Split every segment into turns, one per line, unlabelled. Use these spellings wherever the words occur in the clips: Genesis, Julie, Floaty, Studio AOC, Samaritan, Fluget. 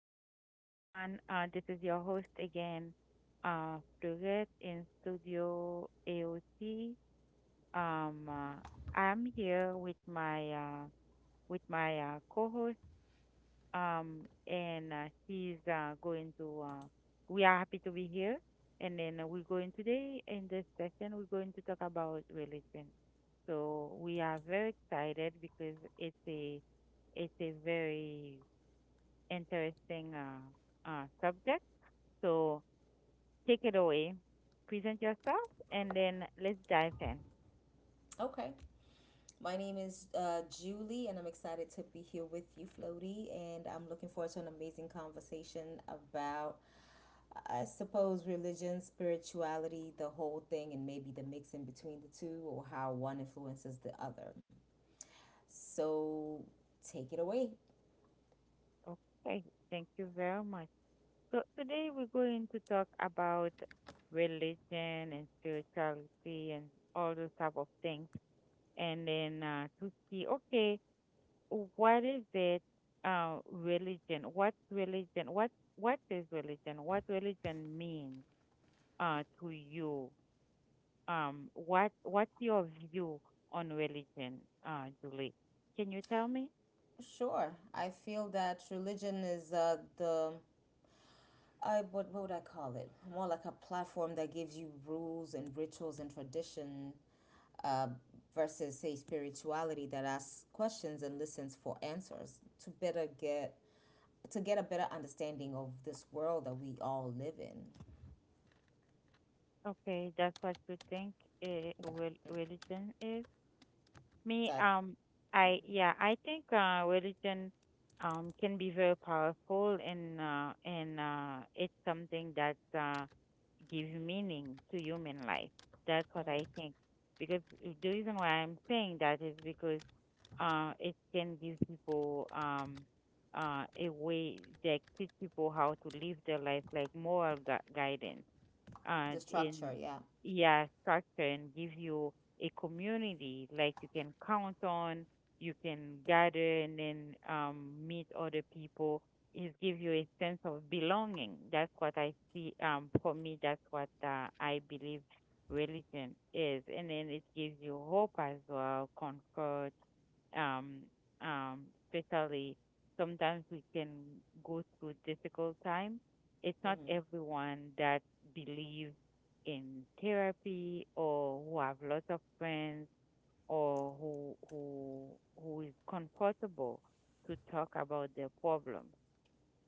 hi everyone. This is your host again, uh, Fluget in Studio AOC. Um, uh, I'm here with my co-host, and she's going to. We are happy to be here, and then we're going today in this session. We're going to talk about religion. So we are very excited because it's a very interesting subject. So take it away, present yourself, and then let's dive in.
Okay. My name is Julie, and I'm excited to be here with you, Floaty. And I'm looking forward to an amazing conversation about, I suppose, religion, spirituality, the whole thing, and maybe the mixing between the two, or how one influences the other. So take it away.
Okay, thank you very much. So today we're going to talk about religion and spirituality and all those type of things, and then to see, okay, what is it? Religion. What's religion? What is religion? What religion means? To you? What's your view on religion, Julie? Can you tell me?
Sure. I feel that religion is , what would I call it? More like a platform that gives you rules and rituals and tradition, uh, versus a spirituality that asks questions and listens for answers to better get a better understanding of this world that we all live in.
Okay, that's what you think uh,
That,
religion is. Me,
that.
I,
Mm-hmm.
yeah, I think religion can be very powerful, and it's something that gives meaning to human life. That's what I
Mm-hmm.
think. Because the reason why I'm saying that is because it can give people, a way that teach people how to live their life, like moral guidance
The structure,
in
yeah.
yeah, structure, and give you a community like you can count on, you can gather and then meet other people. It give you a sense of belonging. That's what I see, for me, that's what I believe religion is, and then it gives you hope as well, comfort, um, um, especially sometimes we can go through difficult time. It's not
Mm-hmm.
everyone that believes in therapy or who have lots of friends or who who is comfortable to talk about their problem.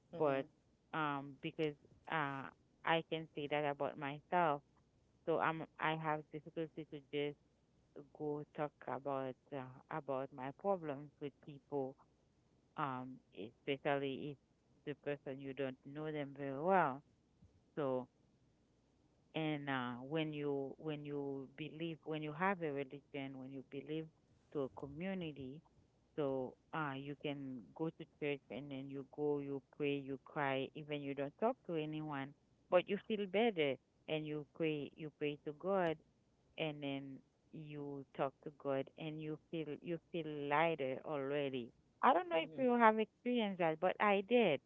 Mm-hmm.
But because uh, I can say that about myself, so I have difficulty to just go talk about my problems with people, um, especially if the person you don't know them very well. So, and when you believe, when you have a religion, when you believe to a community, so you can go to church and then you go, you pray, you cry, even you don't talk to anyone, but you feel better. And you pray to God and then you talk to God and you feel lighter already. I don't know if you have experienced that, but I did.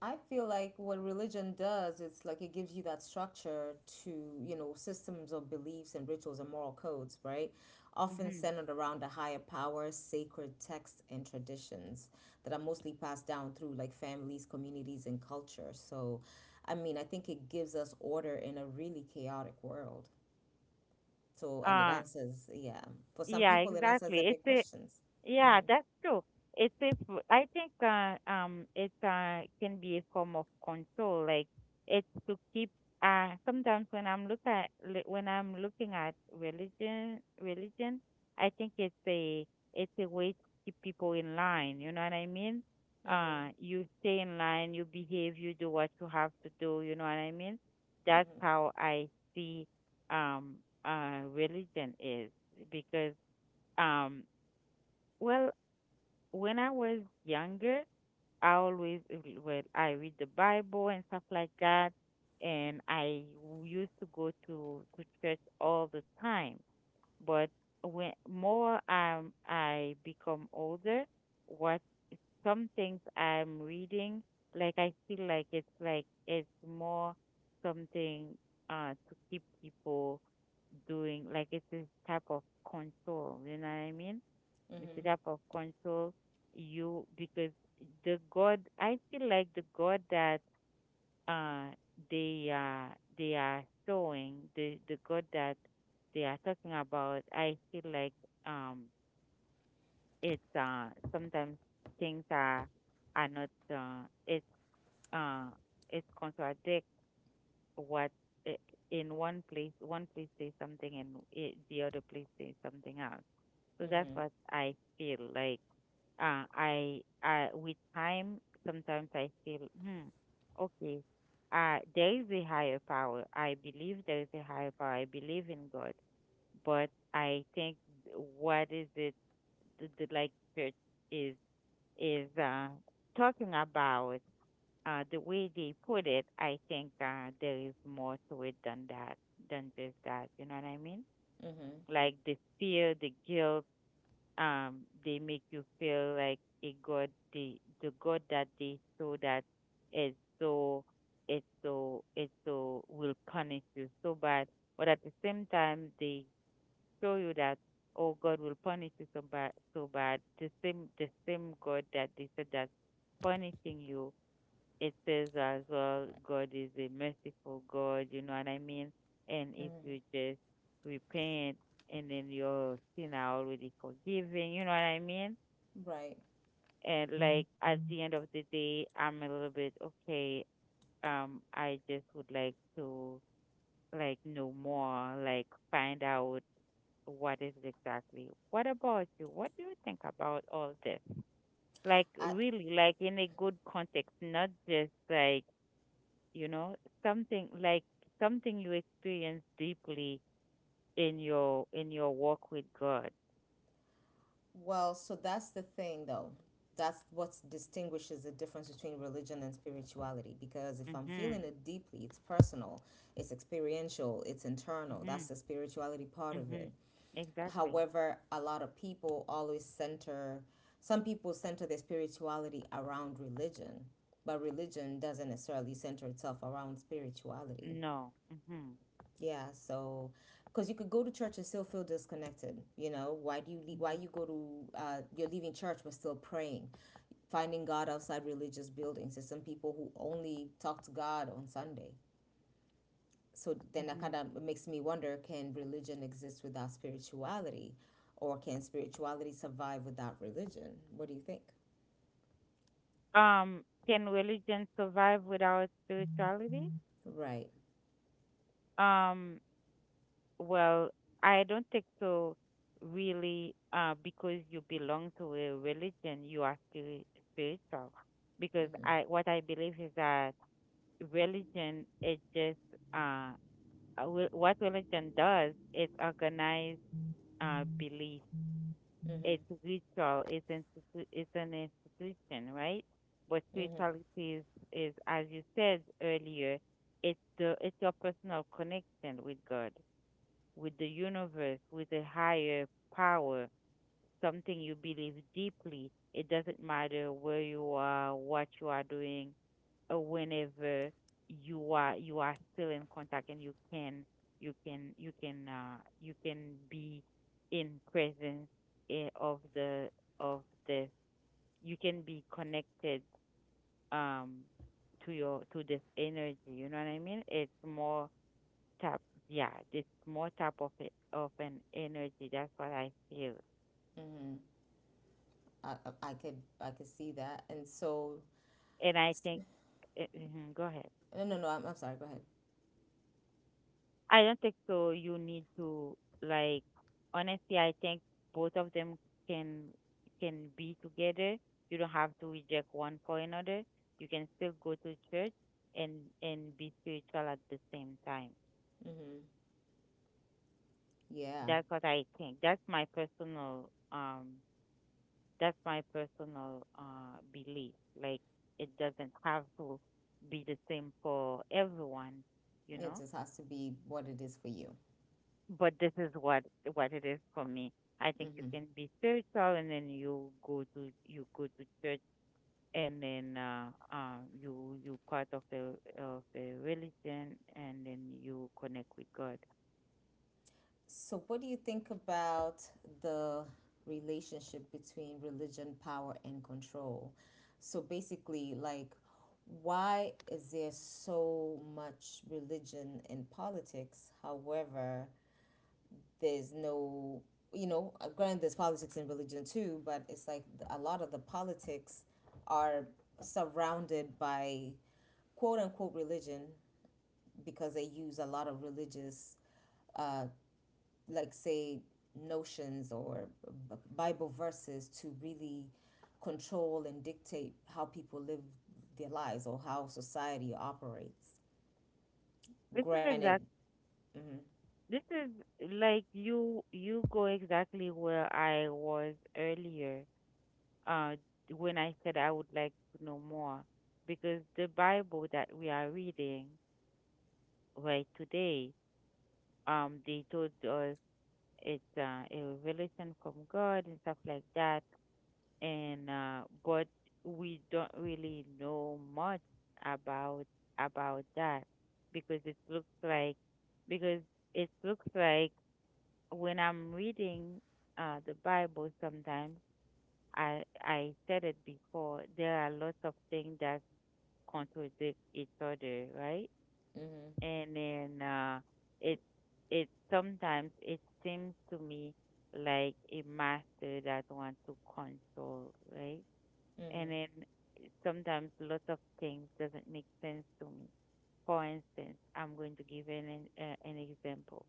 I feel like what religion does, it's like it gives you that structure , to systems of beliefs and rituals and moral codes, right? Often
Hmm.
centered around a higher power, sacred texts, and traditions that are mostly passed down through like families, communities, and culture. So, I mean, I think it gives us order in a really chaotic world. So, and it
Uh,
answers, yeah, for some
yeah,
people, it answers their
exactly. It's
big
a.
questions.
Yeah, that's true. It's if I think it can be a form of control. Like it's to keep, sometimes when I'm when I'm looking at religion, I think it's a way to keep people in line. You know what I mean?
Mm-hmm,
You stay in line, you behave, you do what you have to do. You know what I mean? That's
mm-hmm,
how I see um religion is, because um well when I was younger, I always re- well, I read the Bible and stuff like that, and I used to go to church all the time. But when more I become older, what some things I'm reading, like I feel like it's more something to keep people doing, like it's this type of control. You know what I mean?
mm-hmm,
The type of control you, because the God, I feel like the God that uh they are showing, the God that they are talking about, I feel like um it's, sometimes things are not it's uh it contradict what i- in one place says something, and it, the other place says something else. So that's
mm-hmm,
what I feel like. I with time, sometimes I feel, hmm, okay, there is a higher power. I believe there is a higher power. I believe in God, but I think th- what is it the, like, church is is uh, talking about, the way they put it. I think there is more to it than that, than just that. You know what I mean?
mm-hmm.
Like the fear, the guilt, they make you feel like a god. The god that they saw that is so, it's so, it's so will punish you so bad. But at the same time, they show you that, oh, God will punish you so bad, so bad. The same God that they said that punishing you, it says as well, God is a merciful God, you know what I mean? And if
Mm-hmm.
you just repent, and then your sin are already forgiven, you know what I mean?
Right.
And like at the end of the day, I'm a little bit okay. I just would like to, like, know more, like find out what is exactly. What about you? What do you think about all this? Like
I,
really, like in a good context, not just like, you know something like something you experience deeply in your walk with God.
Well, so that's the thing, though. That's what distinguishes the difference between religion and spirituality. Because if I'm feeling
Mhm.
it deeply, it's personal, it's experiential, it's internal.
Mhm.
That's the spirituality part of
Mhm,
it.
exactly.
However, a lot of people always center, some people center their spirituality around religion, but religion doesn't necessarily center itself around spirituality.
No, mhm.
Yeah, so because you could go to church and still feel disconnected. Why do you leave? Why
Mhm.
you go to You're leaving church but still praying, finding God outside religious buildings. There's some people who only talk to God on Sunday. So then that
Mhm.
kind of makes me wonder: can religion exist without spirituality, or can spirituality survive without religion? What do you think?
Can religion survive without spirituality?
Right.
um well, I don't think so, really. Because you belong to a religion, you are spiritual, because
Mm-hmm.
I, what I believe is that religion it just, uh what religion does is organize belief.
Mm-hmm.
It's ritual, it's it's an institution, right? But
Mm-hmm.
spirituality is as you said earlier, it's the, it's your personal connection with God, with the universe, with a higher power, something you believe deeply. It doesn't matter where you are, what you are doing, whenever you are, you are still in contact, and you can be in presence, eh, of the you can be connected um to your, to this energy, you know what I mean? Tap yeah it's more tap of of an energy. That's what I feel.
Mm-hmm. I I I could I could see that, and so
And I think, mhm, go ahead.
no, no, no, I'm sorry. Go ahead.
I don't think so. You need to, like, honestly, I think both of them can can be together. You don't have to reject one for another. You can still go to church and be spiritual at the same time.
Mm-hmm. Yeah,
That's what I think. That's my personal belief. Like it doesn't have to be the same for everyone. You
it
know.
just has to be what it is for you.
But this is what it is for me. I think you
Mm-hmm.
can be spiritual, and then you go to, you go to church, and then you, you part of the religion, and then you connect with God.
So, what do you think about the relationship between religion, power, and control? So, basically, like, why is there so much religion in politics? However, there's no, you know, granted, there's politics in religion too, but it's like a lot of the politics are surrounded by quote unquote religion because they use a lot of religious, uh, like say, notions or Bible verses to really control and dictate how people live their lives or how society operates.
This is
Granted,
exact.
mm-hmm,
This is like you go exactly where I was earlier. Uh, when I said I would like to know more, because the Bible that we are reading right today, they told us, it's a revelation from God and stuff like that. And but we don't really know much about about that, because it looks like, because it looks like when I'm reading the Bible, sometimes I said it before, there are lots of things that contradict each other, right?
mm-hmm,
And then it, it sometimes it seems to me like a master that wants to control, right?
mm-hmm,
And then, sometimes lots of things doesn't make sense to me. For instance, I'm going to give an example.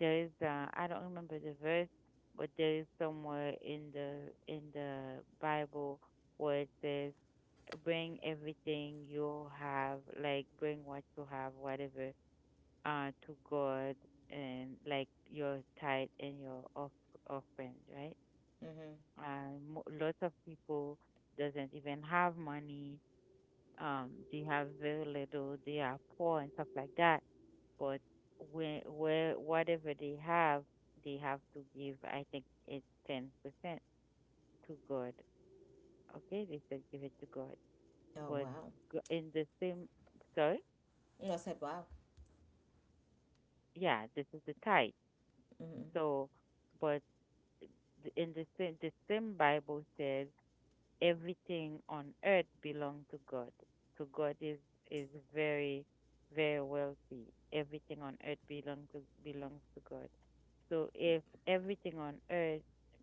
There is I don't remember the verse, but there is somewhere in the Bible where it says bring everything you have, like bring what you have, whatever, to God, and like your tithe and your offering, right?
mm-hmm.
Lots of people doesn't even have money. They have very little. They are poor and stuff like that. But where, whatever they have to give. I think it's 10% to God. Okay, they said give it to God.
Oh
But
wow,
in the same, sorry,
I said wow.
yeah, this is the tithe.
Mm-hmm.
So, but in the same Bible says everything on earth belongs to God. So God is very very wealthy. Everything on earth belongs to, belongs to God. So if everything on earth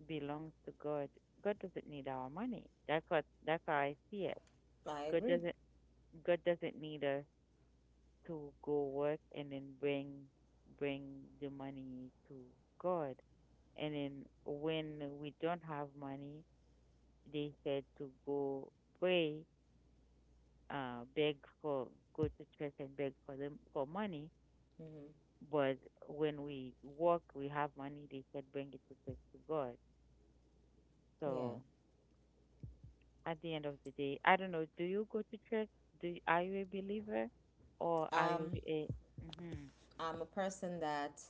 belongs to God, God doesn't need our money. That's what, that's how I see it.
I
God
agree.
doesn't God doesn't need us to go work and then bring the money to God. And then when we don't have money, they said to go pray, beg for go to church and beg for them for money.
Mm-hmm.
But when we work, we have money, they said bring it to church to God.
Yeah.
So at the end of the day, I don't know. Do you go to church? Do you, are you a believer, or are you
Um,
a? Mhm.
I'm a person that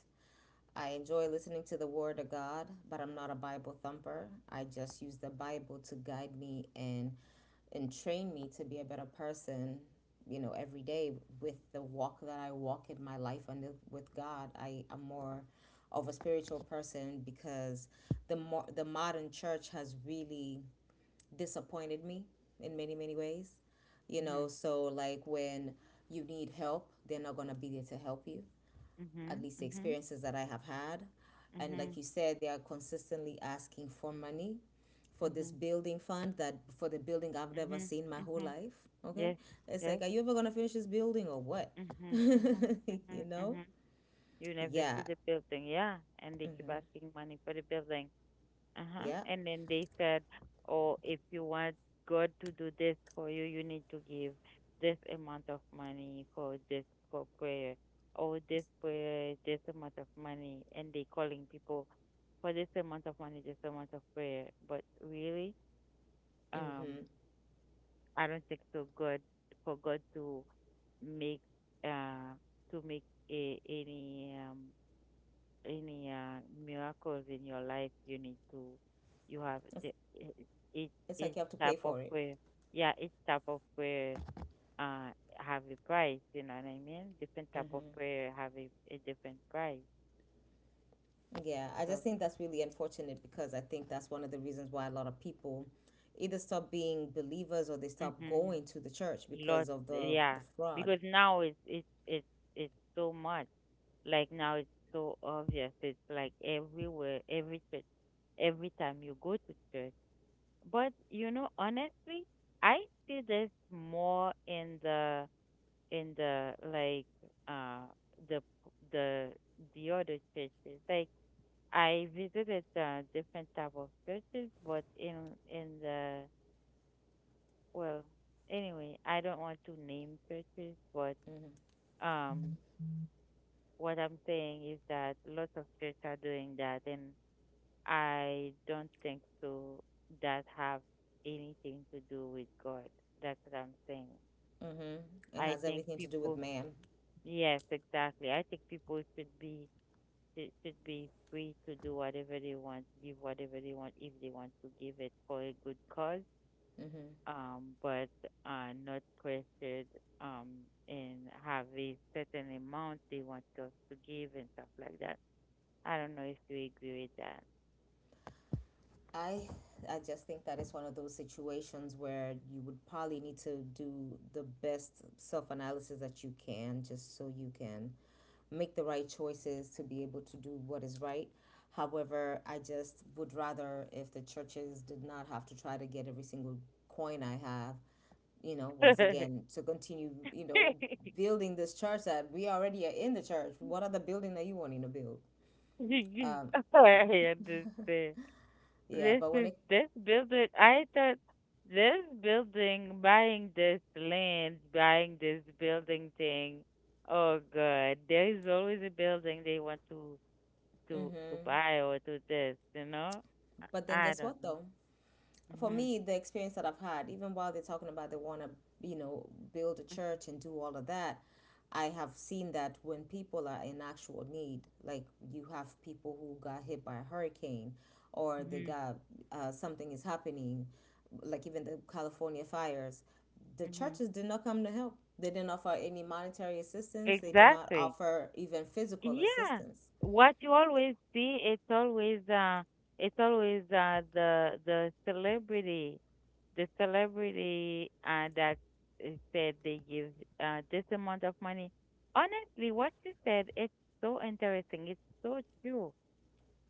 I enjoy listening to the Word of God, but I'm not a Bible thumper. I just use the Bible to guide me and train me to be a better person. You know, every day with the walk that I walk in my life and with God, I am more of a spiritual person because the more the modern church has really disappointed me in many many ways. You know,
Mhm.
so like when you need help, they're not gonna be there to help you, at
Mhm.
least the
Mhm.
experiences that I have had. And like
Mhm.
you said, they are consistently asking for money for this
Mhm,
building fund, that for the building I've never
mhm,
seen my whole
mhm.
life. Okay.
Yes,
It's like,
yes.
are you ever going to finish this building or what?
Mhm, mhm,
You
mhm,
know?
mhm. You never see
Yeah.
the building, yeah. And they keep
Mm-hmm.
asking money for the building. Uh-huh.
Yeah.
And then they said, "Oh, if you want God to do this for you, you need to give this amount of money for this for prayer, or this prayer, this amount of money." And they calling people for this amount of money, this amount of prayer. But really, um,
Mm-hmm.
I don't think so God for God make uh to make any any miracles in your life you need to you have
It's,
the each
it's like you
each
have to pay
type of
for it.
prayer yeah each type of prayer uh have a price, you know what I mean, different type of
Mm-hmm.
prayer have a different price
Yeah. I
so
just think that's really unfortunate because I think that's one of the reasons why a lot of people either stop being believers or they stop
hmm
going to the church
lot
because of the,
yeah
the fraud.
because now it's it's so much. Like now it's so obvious. It's like everywhere, every church, every time you go to church. But you know, honestly, I see this more in the like uh the the the other churches. Like I visited different type of churches, but in the well, anyway, I don't want to name churches, but
Mm-hmm.
um, what I'm saying is that lots of churches are doing that, and I don't think so that have anything to do with God. That's what I'm saying.
Mm-hmm. It
I
has
think
everything to do with
people,
man.
yes, exactly. I think people should be should be free to do whatever they want, give whatever they want if they want to give it for a good cause.
Mm-hmm.
But not pressured um and have a certain amount they want us to give and stuff like that. I don't know if you agree
I I just think that it's one of those situations where you would probably need to do the best self analysis that you can, just so you can make the right choices to be able to do what is right. However, I just would rather if the churches did not have to try to get every single coin I have,
with
once
that.
again, to continue, building this church that we already are in the church. What other building are you wanting to build? Uh,
I understand.
Yeah,
This
but
is this building. I thought this building, buying this land, buying this building thing. Oh God, there is always a building they want to to buy or to this. You know,
but then
I
guess
don't
what
know.
though? For
Mhm.
me, the experience that I've had, even while they're talking about they want to, build a church and do all of that, I have seen that when people are in actual need, like you have people who got hit by a hurricane, or they
Mhm.
got something is happening, like even the California fires, the
Mhm.
churches did not come to help. They didn't offer any monetary assistance. They did not
Exactly.
offer even physical
Yeah.
assistance.
What you always see, it's always the celebrity the celebrity that said they give, this amount of money. Honestly, what you said, it's so interesting. It's so true.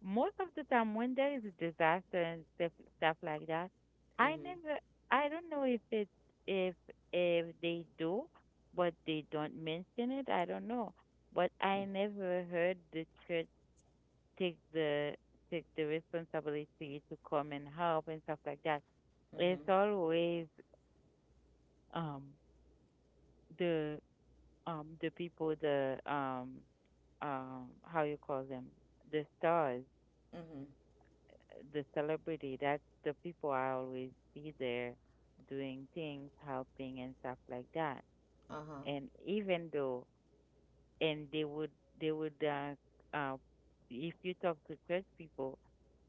Most of the time, when there is a disaster and stuff like that, I
Mm-hmm.
never, I don't know if it, if if they do, but they don't mention it. I don't know, but I never heard the church take the responsibility to come and help and stuff like that. It's
Mm-hmm.
always um the the people the how you call them, the stars,
Mm-hmm.
the celebrity, that's the people I always see there doing things, helping and stuff like that.
Uh-huh.
And even though and they would they would uh, uh if you talk to church people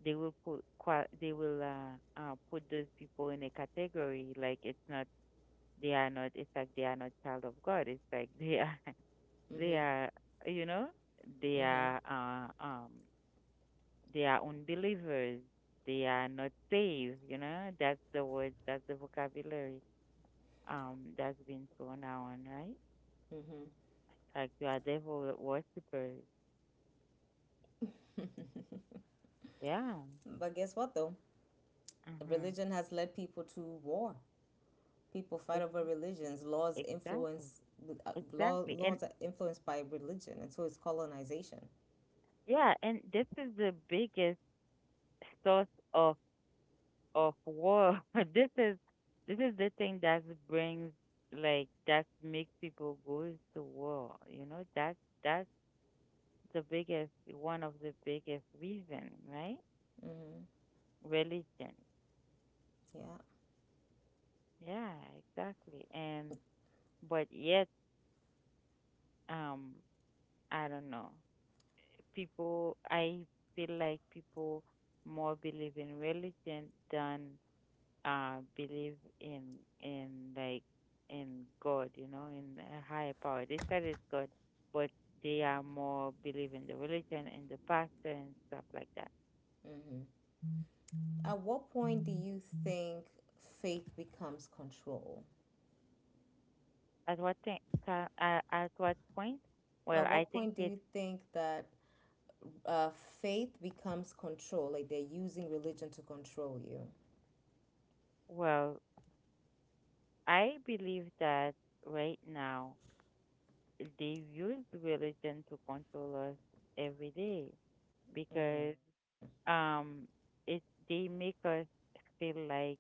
they will they will put those people in a category like it's not they are not, it's like they are not child of God, it's like they are they
Mm-hmm.
are, you know, they
Mm-hmm.
are uh, um, they are unbelievers. They are not saved. You know, that's the word. That's the vocabulary. That's been thrown around, right?
Mm-hmm.
Like you are devil worshippers. Yeah.
But guess what though?
Mm-hmm.
Religion has led people to war. People fight over religions. Laws
Exactly.
influence uh, law,
Exactly. And
laws are influenced by religion, and so it's colonization.
yeah, and this is the biggest source of of war. This is this is the thing that brings like that makes people go to war. You know that that's the biggest one of the biggest reason, right?
Mm-hmm.
Religion.
Yeah.
Yeah, exactly. And but yet, um, I don't know. People, I feel like people more believe in religion than believe in in like in God, you know, in a higher power. They said it's God, but they are more believe in the religion, in the pastor and stuff like that.
Mm-hmm. At what point do you think faith becomes control?
At what thing, at what point? Well,
At
I
what
think
point do
it's
you think that uh, faith becomes control? Like they're using religion to control you.
well, I believe that right now they use religion to control us every day
Mm-hmm.
because um it they make us feel like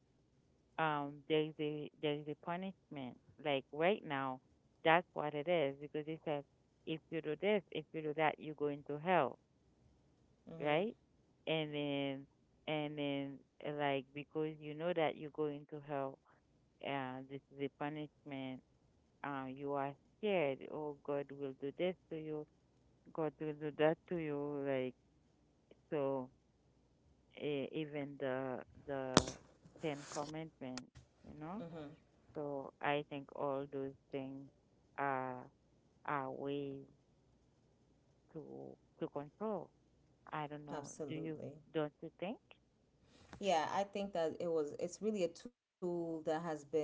there's a punishment like right now, that's what it is, because it says if you do this, if you do that, you go into hell,
Mm-hmm.
right? And then and then like, because you know that you go into hell and this is a punishment, you are scared, oh god will do this to you, god will do that to you, like, so even the ten commandments, you know.
Mm-hmm.
So I think all those things are are ways to control. I don't know. Do you,
Absolutely.
don't you think?
Yeah, I think that it's really a tool that has been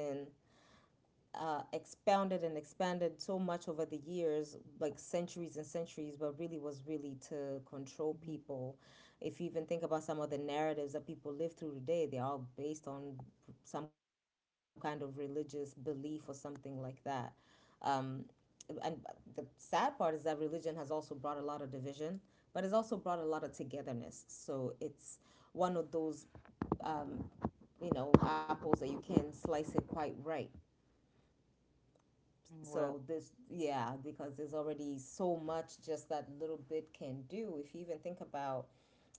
expounded and expanded so much over the years, like centuries and centuries, but really was really to control
Mhm.
people. If you even think about some of the narratives that people live through today, they're all based on some kind of religious belief or something like that. Um, and the sad part is that religion has also brought a lot of division, but it's also brought a lot of togetherness. So it's one of those, you know, apples that you can slice it quite right.
Mm, well,
So this, yeah, because there's already so much just that little bit can do. If you even think about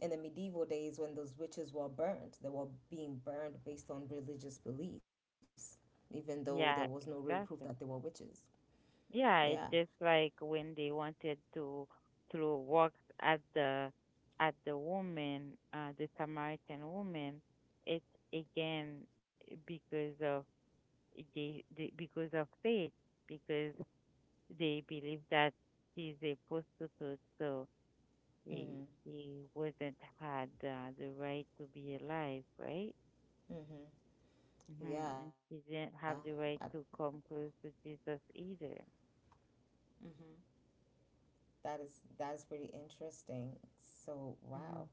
in the medieval days when those witches were burned, they were being burned based on religious beliefs, even though there was no real
yeah,
proof that they were
exactly.
witches. Yeah.
Yeah, it's just like when they wanted to throw rocks at the woman, the Samaritan woman. It's again because of they because of faith, because they believe that she's a prostitute, so He
Mm-hmm.
he wouldn't had the right to be alive, right?
Mm-hmm. Yeah,
hmm He
I,
didn't have the right to come close to Jesus either.
that is pretty interesting. So, wow.
Hmm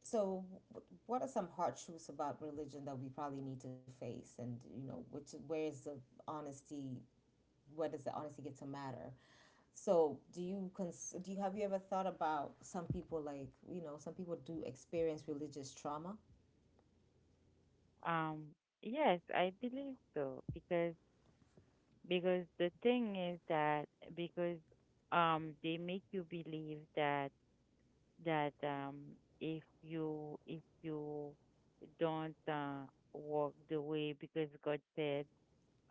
So, what are some hard truths about religion that we probably need to face? And, you know, which where is the honesty? Where does the honesty get to matter? So, do you cons- do you have you ever thought about, some people like, you know some people do experience religious trauma?
Um, yes, I believe so because the thing is that because they make you believe that that if you don't walk the way because God said,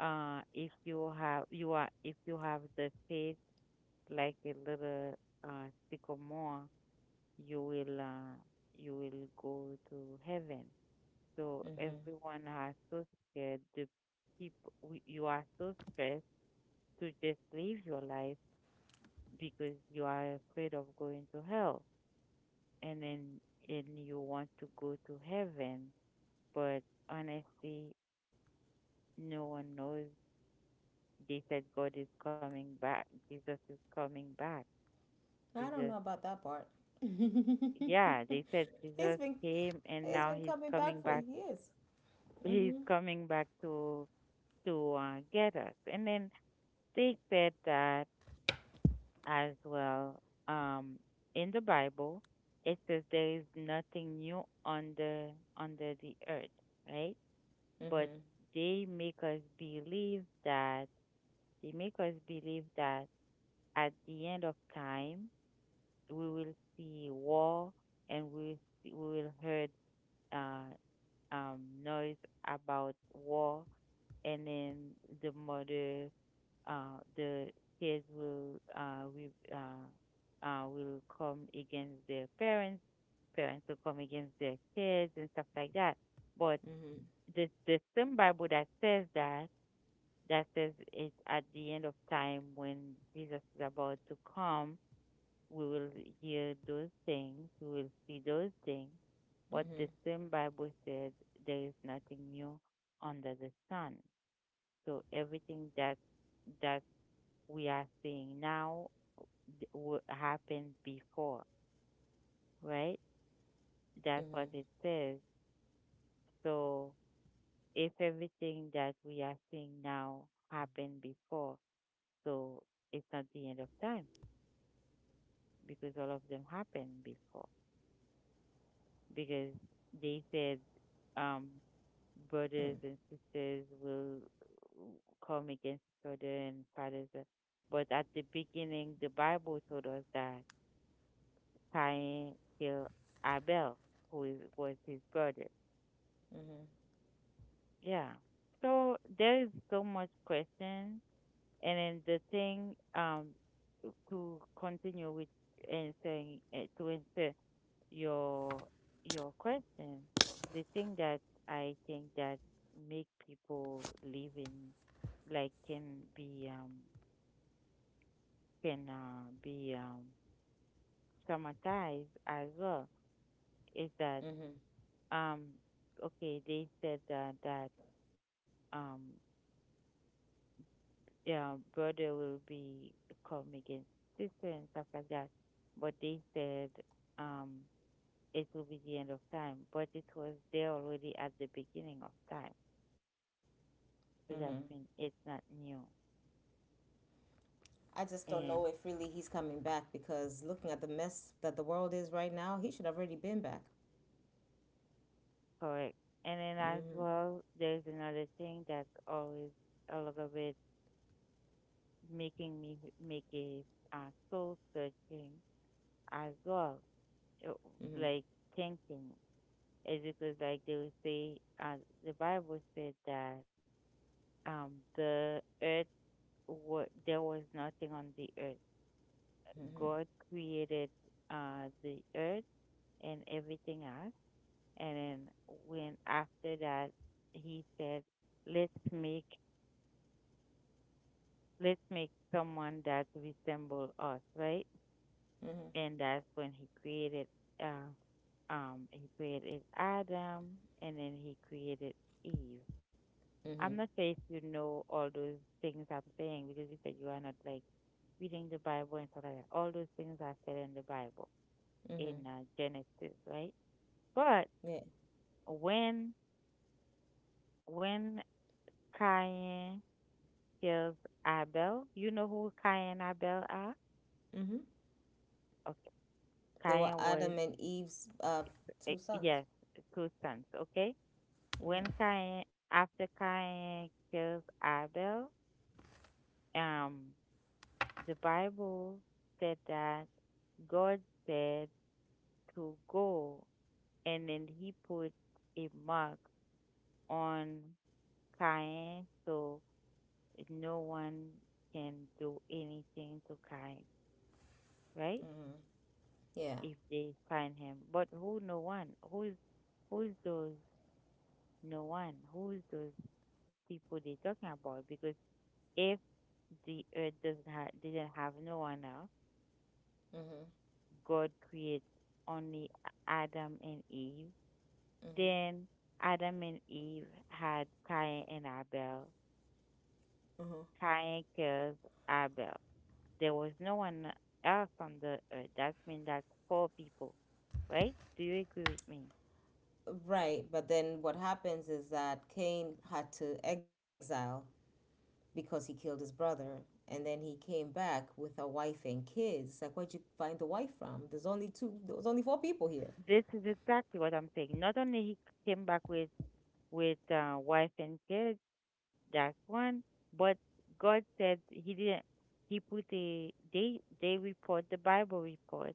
if you have, you are, if you have the faith like a little sycamore, you will uh, you will go to heaven. So
Mm-hmm.
everyone are so scared. You are so stressed to just live your life because you are afraid of going to hell, and then and you want to go to heaven, but honestly, no one knows. They said God is coming back. Jesus is coming back.
I don't
Jesus
know about that part.
yeah, they said
he's
Jesus
been
came and
he's
now
been
he's
coming
coming
back for
back.
years.
He's
Mm-hmm.
coming back to get us. And then they said that as well. In the Bible, it says there is nothing new under under the earth, right? But
Mm-hmm.
they make us believe that they make us believe that at the end of time we will see war and we will heard. Uh, noise about war, and then the mother, the kids will we will come against their parents. Parents will come against their kids and stuff like that. But
Mm-hmm.
the same Bible that says that says it's at the end of time when Jesus is about to come we will hear those things, we will see those things. But
Mm-hmm.
the same Bible said there is nothing new under the sun. So everything that that we are seeing now d- happened before, right?
Mm-hmm.
That's what it says. So if everything that we are seeing now happened before, so it's not the end of time because all of them happened before. Because they said, um, brothers and sisters will come against each other and fathers. But at the beginning, the Bible told us that Cain killed Abel, who was his brother.
Mm-hmm.
Yeah. So there is so much question, and then the thing to continue with and saying to insert your your question, the thing that I think that make people live in like can be can uh, be um traumatized as well is that
Mm-hmm.
um okay they said that um yeah brother will be come against sister and stuff like that, but they said, um it will be the end of time but it was there already at the beginning of time.
Mm-hmm.
Because it's not new.
I just don't know
And
if really he's coming back because looking at the mess that the world is right now, he should have already been back.
correct. And then as
Mm-hmm.
well, there's another thing that's always a little bit making me make a soul searching as well. uh,
Mm-hmm.
Like thinking is because like they will say uh, the Bible said that the earth there was nothing on the earth.
Mm-hmm.
God created the earth and everything else. And then when after that, he said, "Let's make let's make someone that resemble us, right?"
Mm-hmm.
And that's when uh, he created Adam, and then he created Eve.
Mm-hmm.
I'm not sure if you know all those things I'm saying because you said you are not like reading the Bible and stuff like that. All those things are said in the Bible
Mm-hmm.
in Genesis, right? But
Yeah.
when when Cain kills Abel. You know who Cain and Abel are?
Mm-hmm.
Okay.
They were
Cain was,
Adam and Eve's two sons.
yes, two sons, okay? When
Mm-hmm.
Cain, after Cain kills Abel, um, the Bible said that God said to go, and then he put a mark on Cain so no one can do anything to Cain, right?
Mm-hmm. Yeah.
If they find him. But who no one? Who is those no one? Who is those people they talking about? Because if the earth doesn't have didn't have no one else,
Mm-hmm.
God creates only Adam and Eve.
Mm-hmm.
Then Adam and Eve had Cain and Abel.
Mm-hmm.
Cain kills Abel. There was no one else on the earth. That means that's four people, right? Do you agree with me?
Right. But then what happens is that Cain had to exile because he killed his brother. And then he came back with a wife and kids. Like, where'd you find the wife from? There's only two, there's only four people here.
This is exactly what I'm saying. Not only he came back with wife and kids, that's one, but God said he didn't. He put a they report the Bible report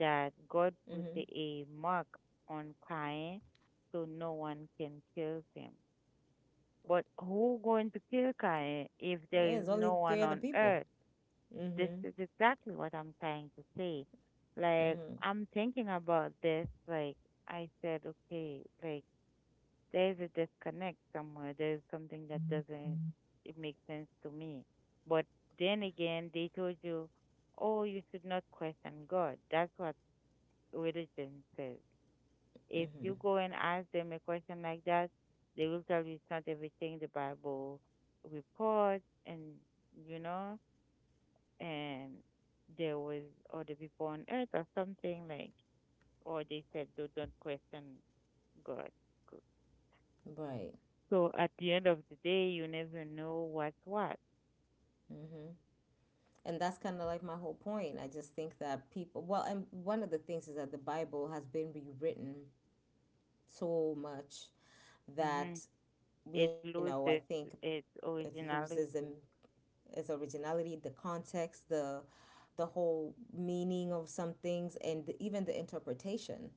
that
Mm-hmm.
God put a mark on Cain, so no one can kill him. But who going to kill Cain if there
Yeah, there's
is
only
no
three
one
other
on
people.
earth? This
Mm-hmm.
is exactly what I'm trying to say. Like,
Mm-hmm.
I'm thinking about this. Like, I said, okay, like, there's a disconnect somewhere. There's something that doesn't it make sense to me. But then again, they told you, oh, you should not question God. That's what religion says. If
Mm-hmm.
you go and ask them a question like that, they will tell you it's not everything the Bible reports, and you know and there was other people on earth or something like, or they said, "Do don't question God."
Right.
So at the end of the day, you never know what's what.
And that's kind of like my whole point. I just think that people, well, and one of the things is that the Bible has been rewritten so much
Hmm.
that, you
It
know, I
loses
think
its
it loses
originality.
and its originality, the context, the whole meaning of some things, and the, even the interpretation.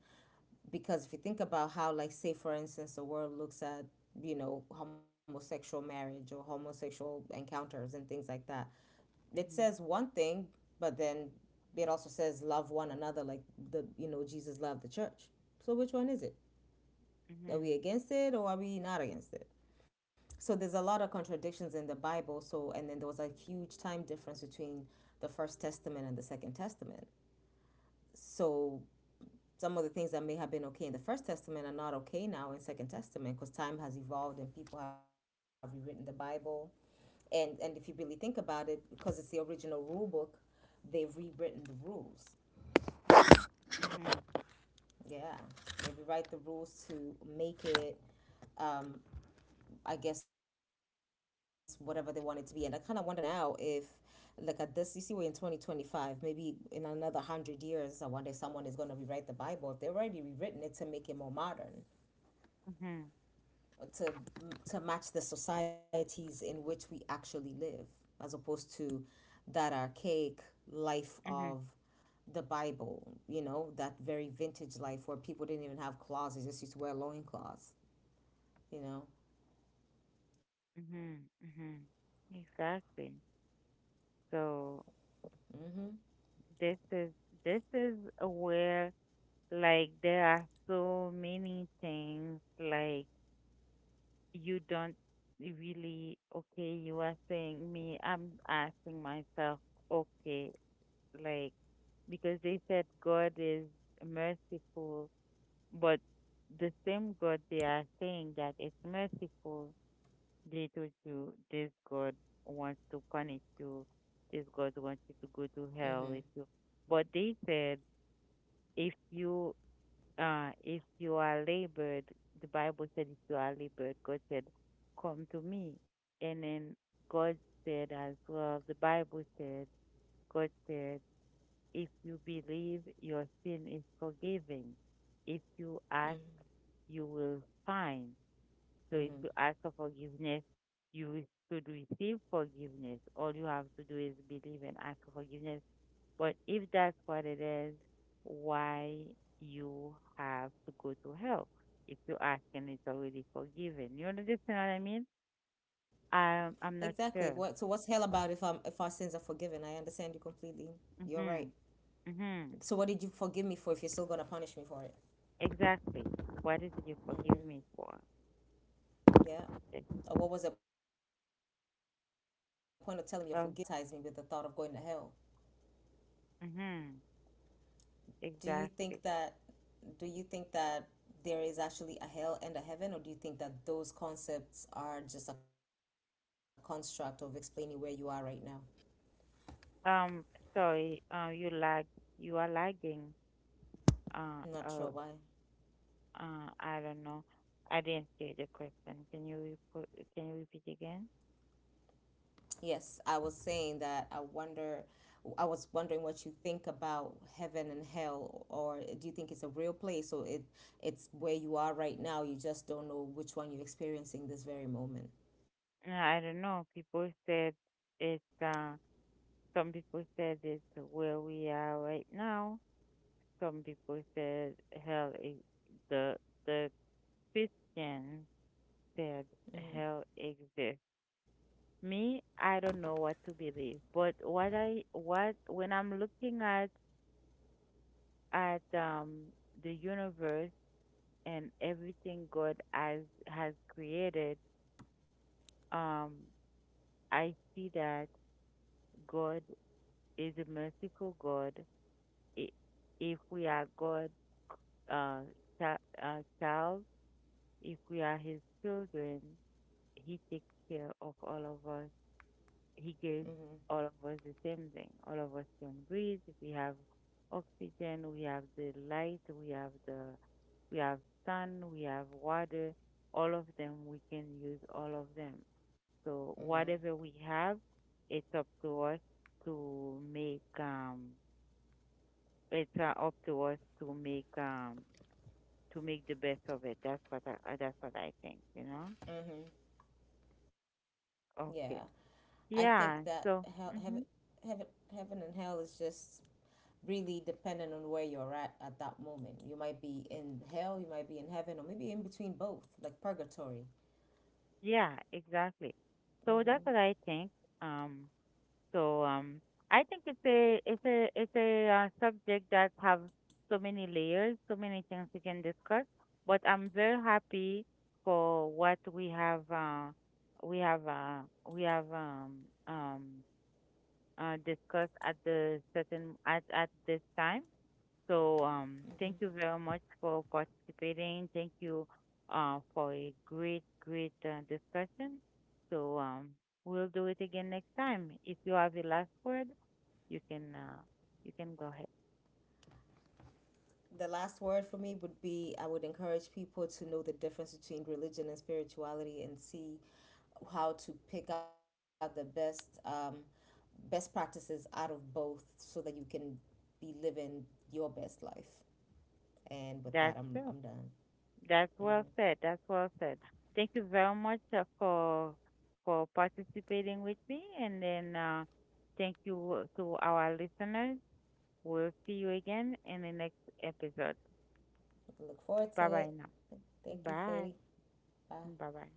Because if you think about how, like say for instance, the world looks at, homosexual marriage or homosexual encounters and things like that, it says
Hmm.
one thing, but then it also says love one another. Like the, Jesus loved the church. So which one is it? Are
Hmm.
we against it, or are we not against it? So there's a lot of contradictions in the Bible. So, and then there was a huge time difference between the first testament and the second testament. So some of the things that may have been okay in the first testament are not okay now in second testament, because time has evolved and people have rewritten the Bible. And if you really think about it, because it's the original rule book, they've rewritten the rules.
Hmm.
Yeah, they rewrite the rules to make it, um, I guess, whatever they want it to be. And I kind of wonder now if, like at this, you see, we're in 2025. Maybe in another 100 years, I wonder if someone is going to rewrite the Bible, if they've already rewritten it to make it more modern,
Hmm.
to to match the societies in which we actually live, as opposed to that archaic life
Hmm.
of the Bible. That very vintage life where people didn't even have clothes; they just used to wear loincloths. You know.
Hmm. Hmm. Exactly. So
Mhm.
this is this is where, like, there are so many things, like, you don't really. Okay, you are saying me, I'm asking myself, okay, like, because they said God is merciful, but the same god they are saying that it's merciful, they told you this god wants to punish you, this god wants
Mhm.
you to go to hell if you. But they said, if you if you are labored, the Bible said, if you are labored, God said, come to me. And then God said as well, the Bible said, God said, if you believe, your sin is forgiven. If you ask,
Mhm.
you will find. So if you
Mhm.
ask for forgiveness, you should receive forgiveness. All you have to do is believe and ask for forgiveness, but if that's what it is, why you have to go to hell? If you ask and it's already forgiven. You understand what I mean?
Exactly. What, so
I'm
what's
not
hell about
sure.
if our sins are forgiven? I understand you completely. You're right.
Mm-hmm.
So what
Mm-hmm.
did you forgive me for if you're still gonna punish me for it?
Exactly. What is it you
Mm-hmm.
forgive me for?
Yeah.
Yes.
Or what was the point of telling me you're forgiving me but then still traumatize me
So,
with the thought of going to hell?
mm-hmm.
Do you think
Exactly.
that do you think that there is actually a hell and a heaven, or do you think that those concepts are just a construct of explaining where you are right now?
Um, Sorry, you lag, you are lagging. Uh,
I'm not
uh,
sure why.
I don't know. I didn't hear the question. Can you repeat, repeat again?
Yes, I was saying that I wonder, I was wondering what you think about heaven and hell, or do you think it's a real place, or it, it's where you are right now, you just don't know which one you're experiencing this very moment?
I don't know. People said it's some people said it's where we are right now. Some people said hell e- the the Christian said
Mm-hmm.
hell exists. Me, I don't know what to believe. But what when I'm looking at the universe and everything God has created, um I see that God is a merciful God. i- if we are God uh, child, if we are His children, He takes care of all of us. He gives
Mm-hmm.
all of us the same thing. All of us can breathe. We have oxygen. We have the light. We have the we have sun. We have water. All of them we can use. All of them. So
Mm-hmm.
whatever we have, it's up to us to make. It's up to us to make. To make the best of it. That's what I think, you know?
Mm-hmm. Yeah,
Okay.
I think that hell,
Yeah,
heaven,
so hmm
heaven, heaven and hell is just really dependent on where you're at that moment. You might be in hell, you might be in heaven, or maybe in between both, like purgatory.
yeah, exactly.
Mm-hmm.
So that's what I think. Um, so um, I think it's a subject that have so many layers, so many things we can discuss. But I'm very happy for what we have uh, we have um, discussed at the certain at this time. So
Mm-hmm.
thank you very much for participating. Thank you for a great, great discussion. So we'll do it again next time. If you have the last word, you can uh, you can go ahead.
The last word for me would be I would encourage people to know the difference between religion and spirituality, and see how to pick out the best, best practices out of both so that you can be living your best life. And with that, I'm
That's
done.
it.
Mm-hmm.
That's well said. That's well said. Thank you very much for participating with me, and then thank you to our listeners. We'll see you again in the next episode.
Look forward to
Bye
it.
bye now.
Thank you,
Bye.
Floaty. Bye.
Bye bye.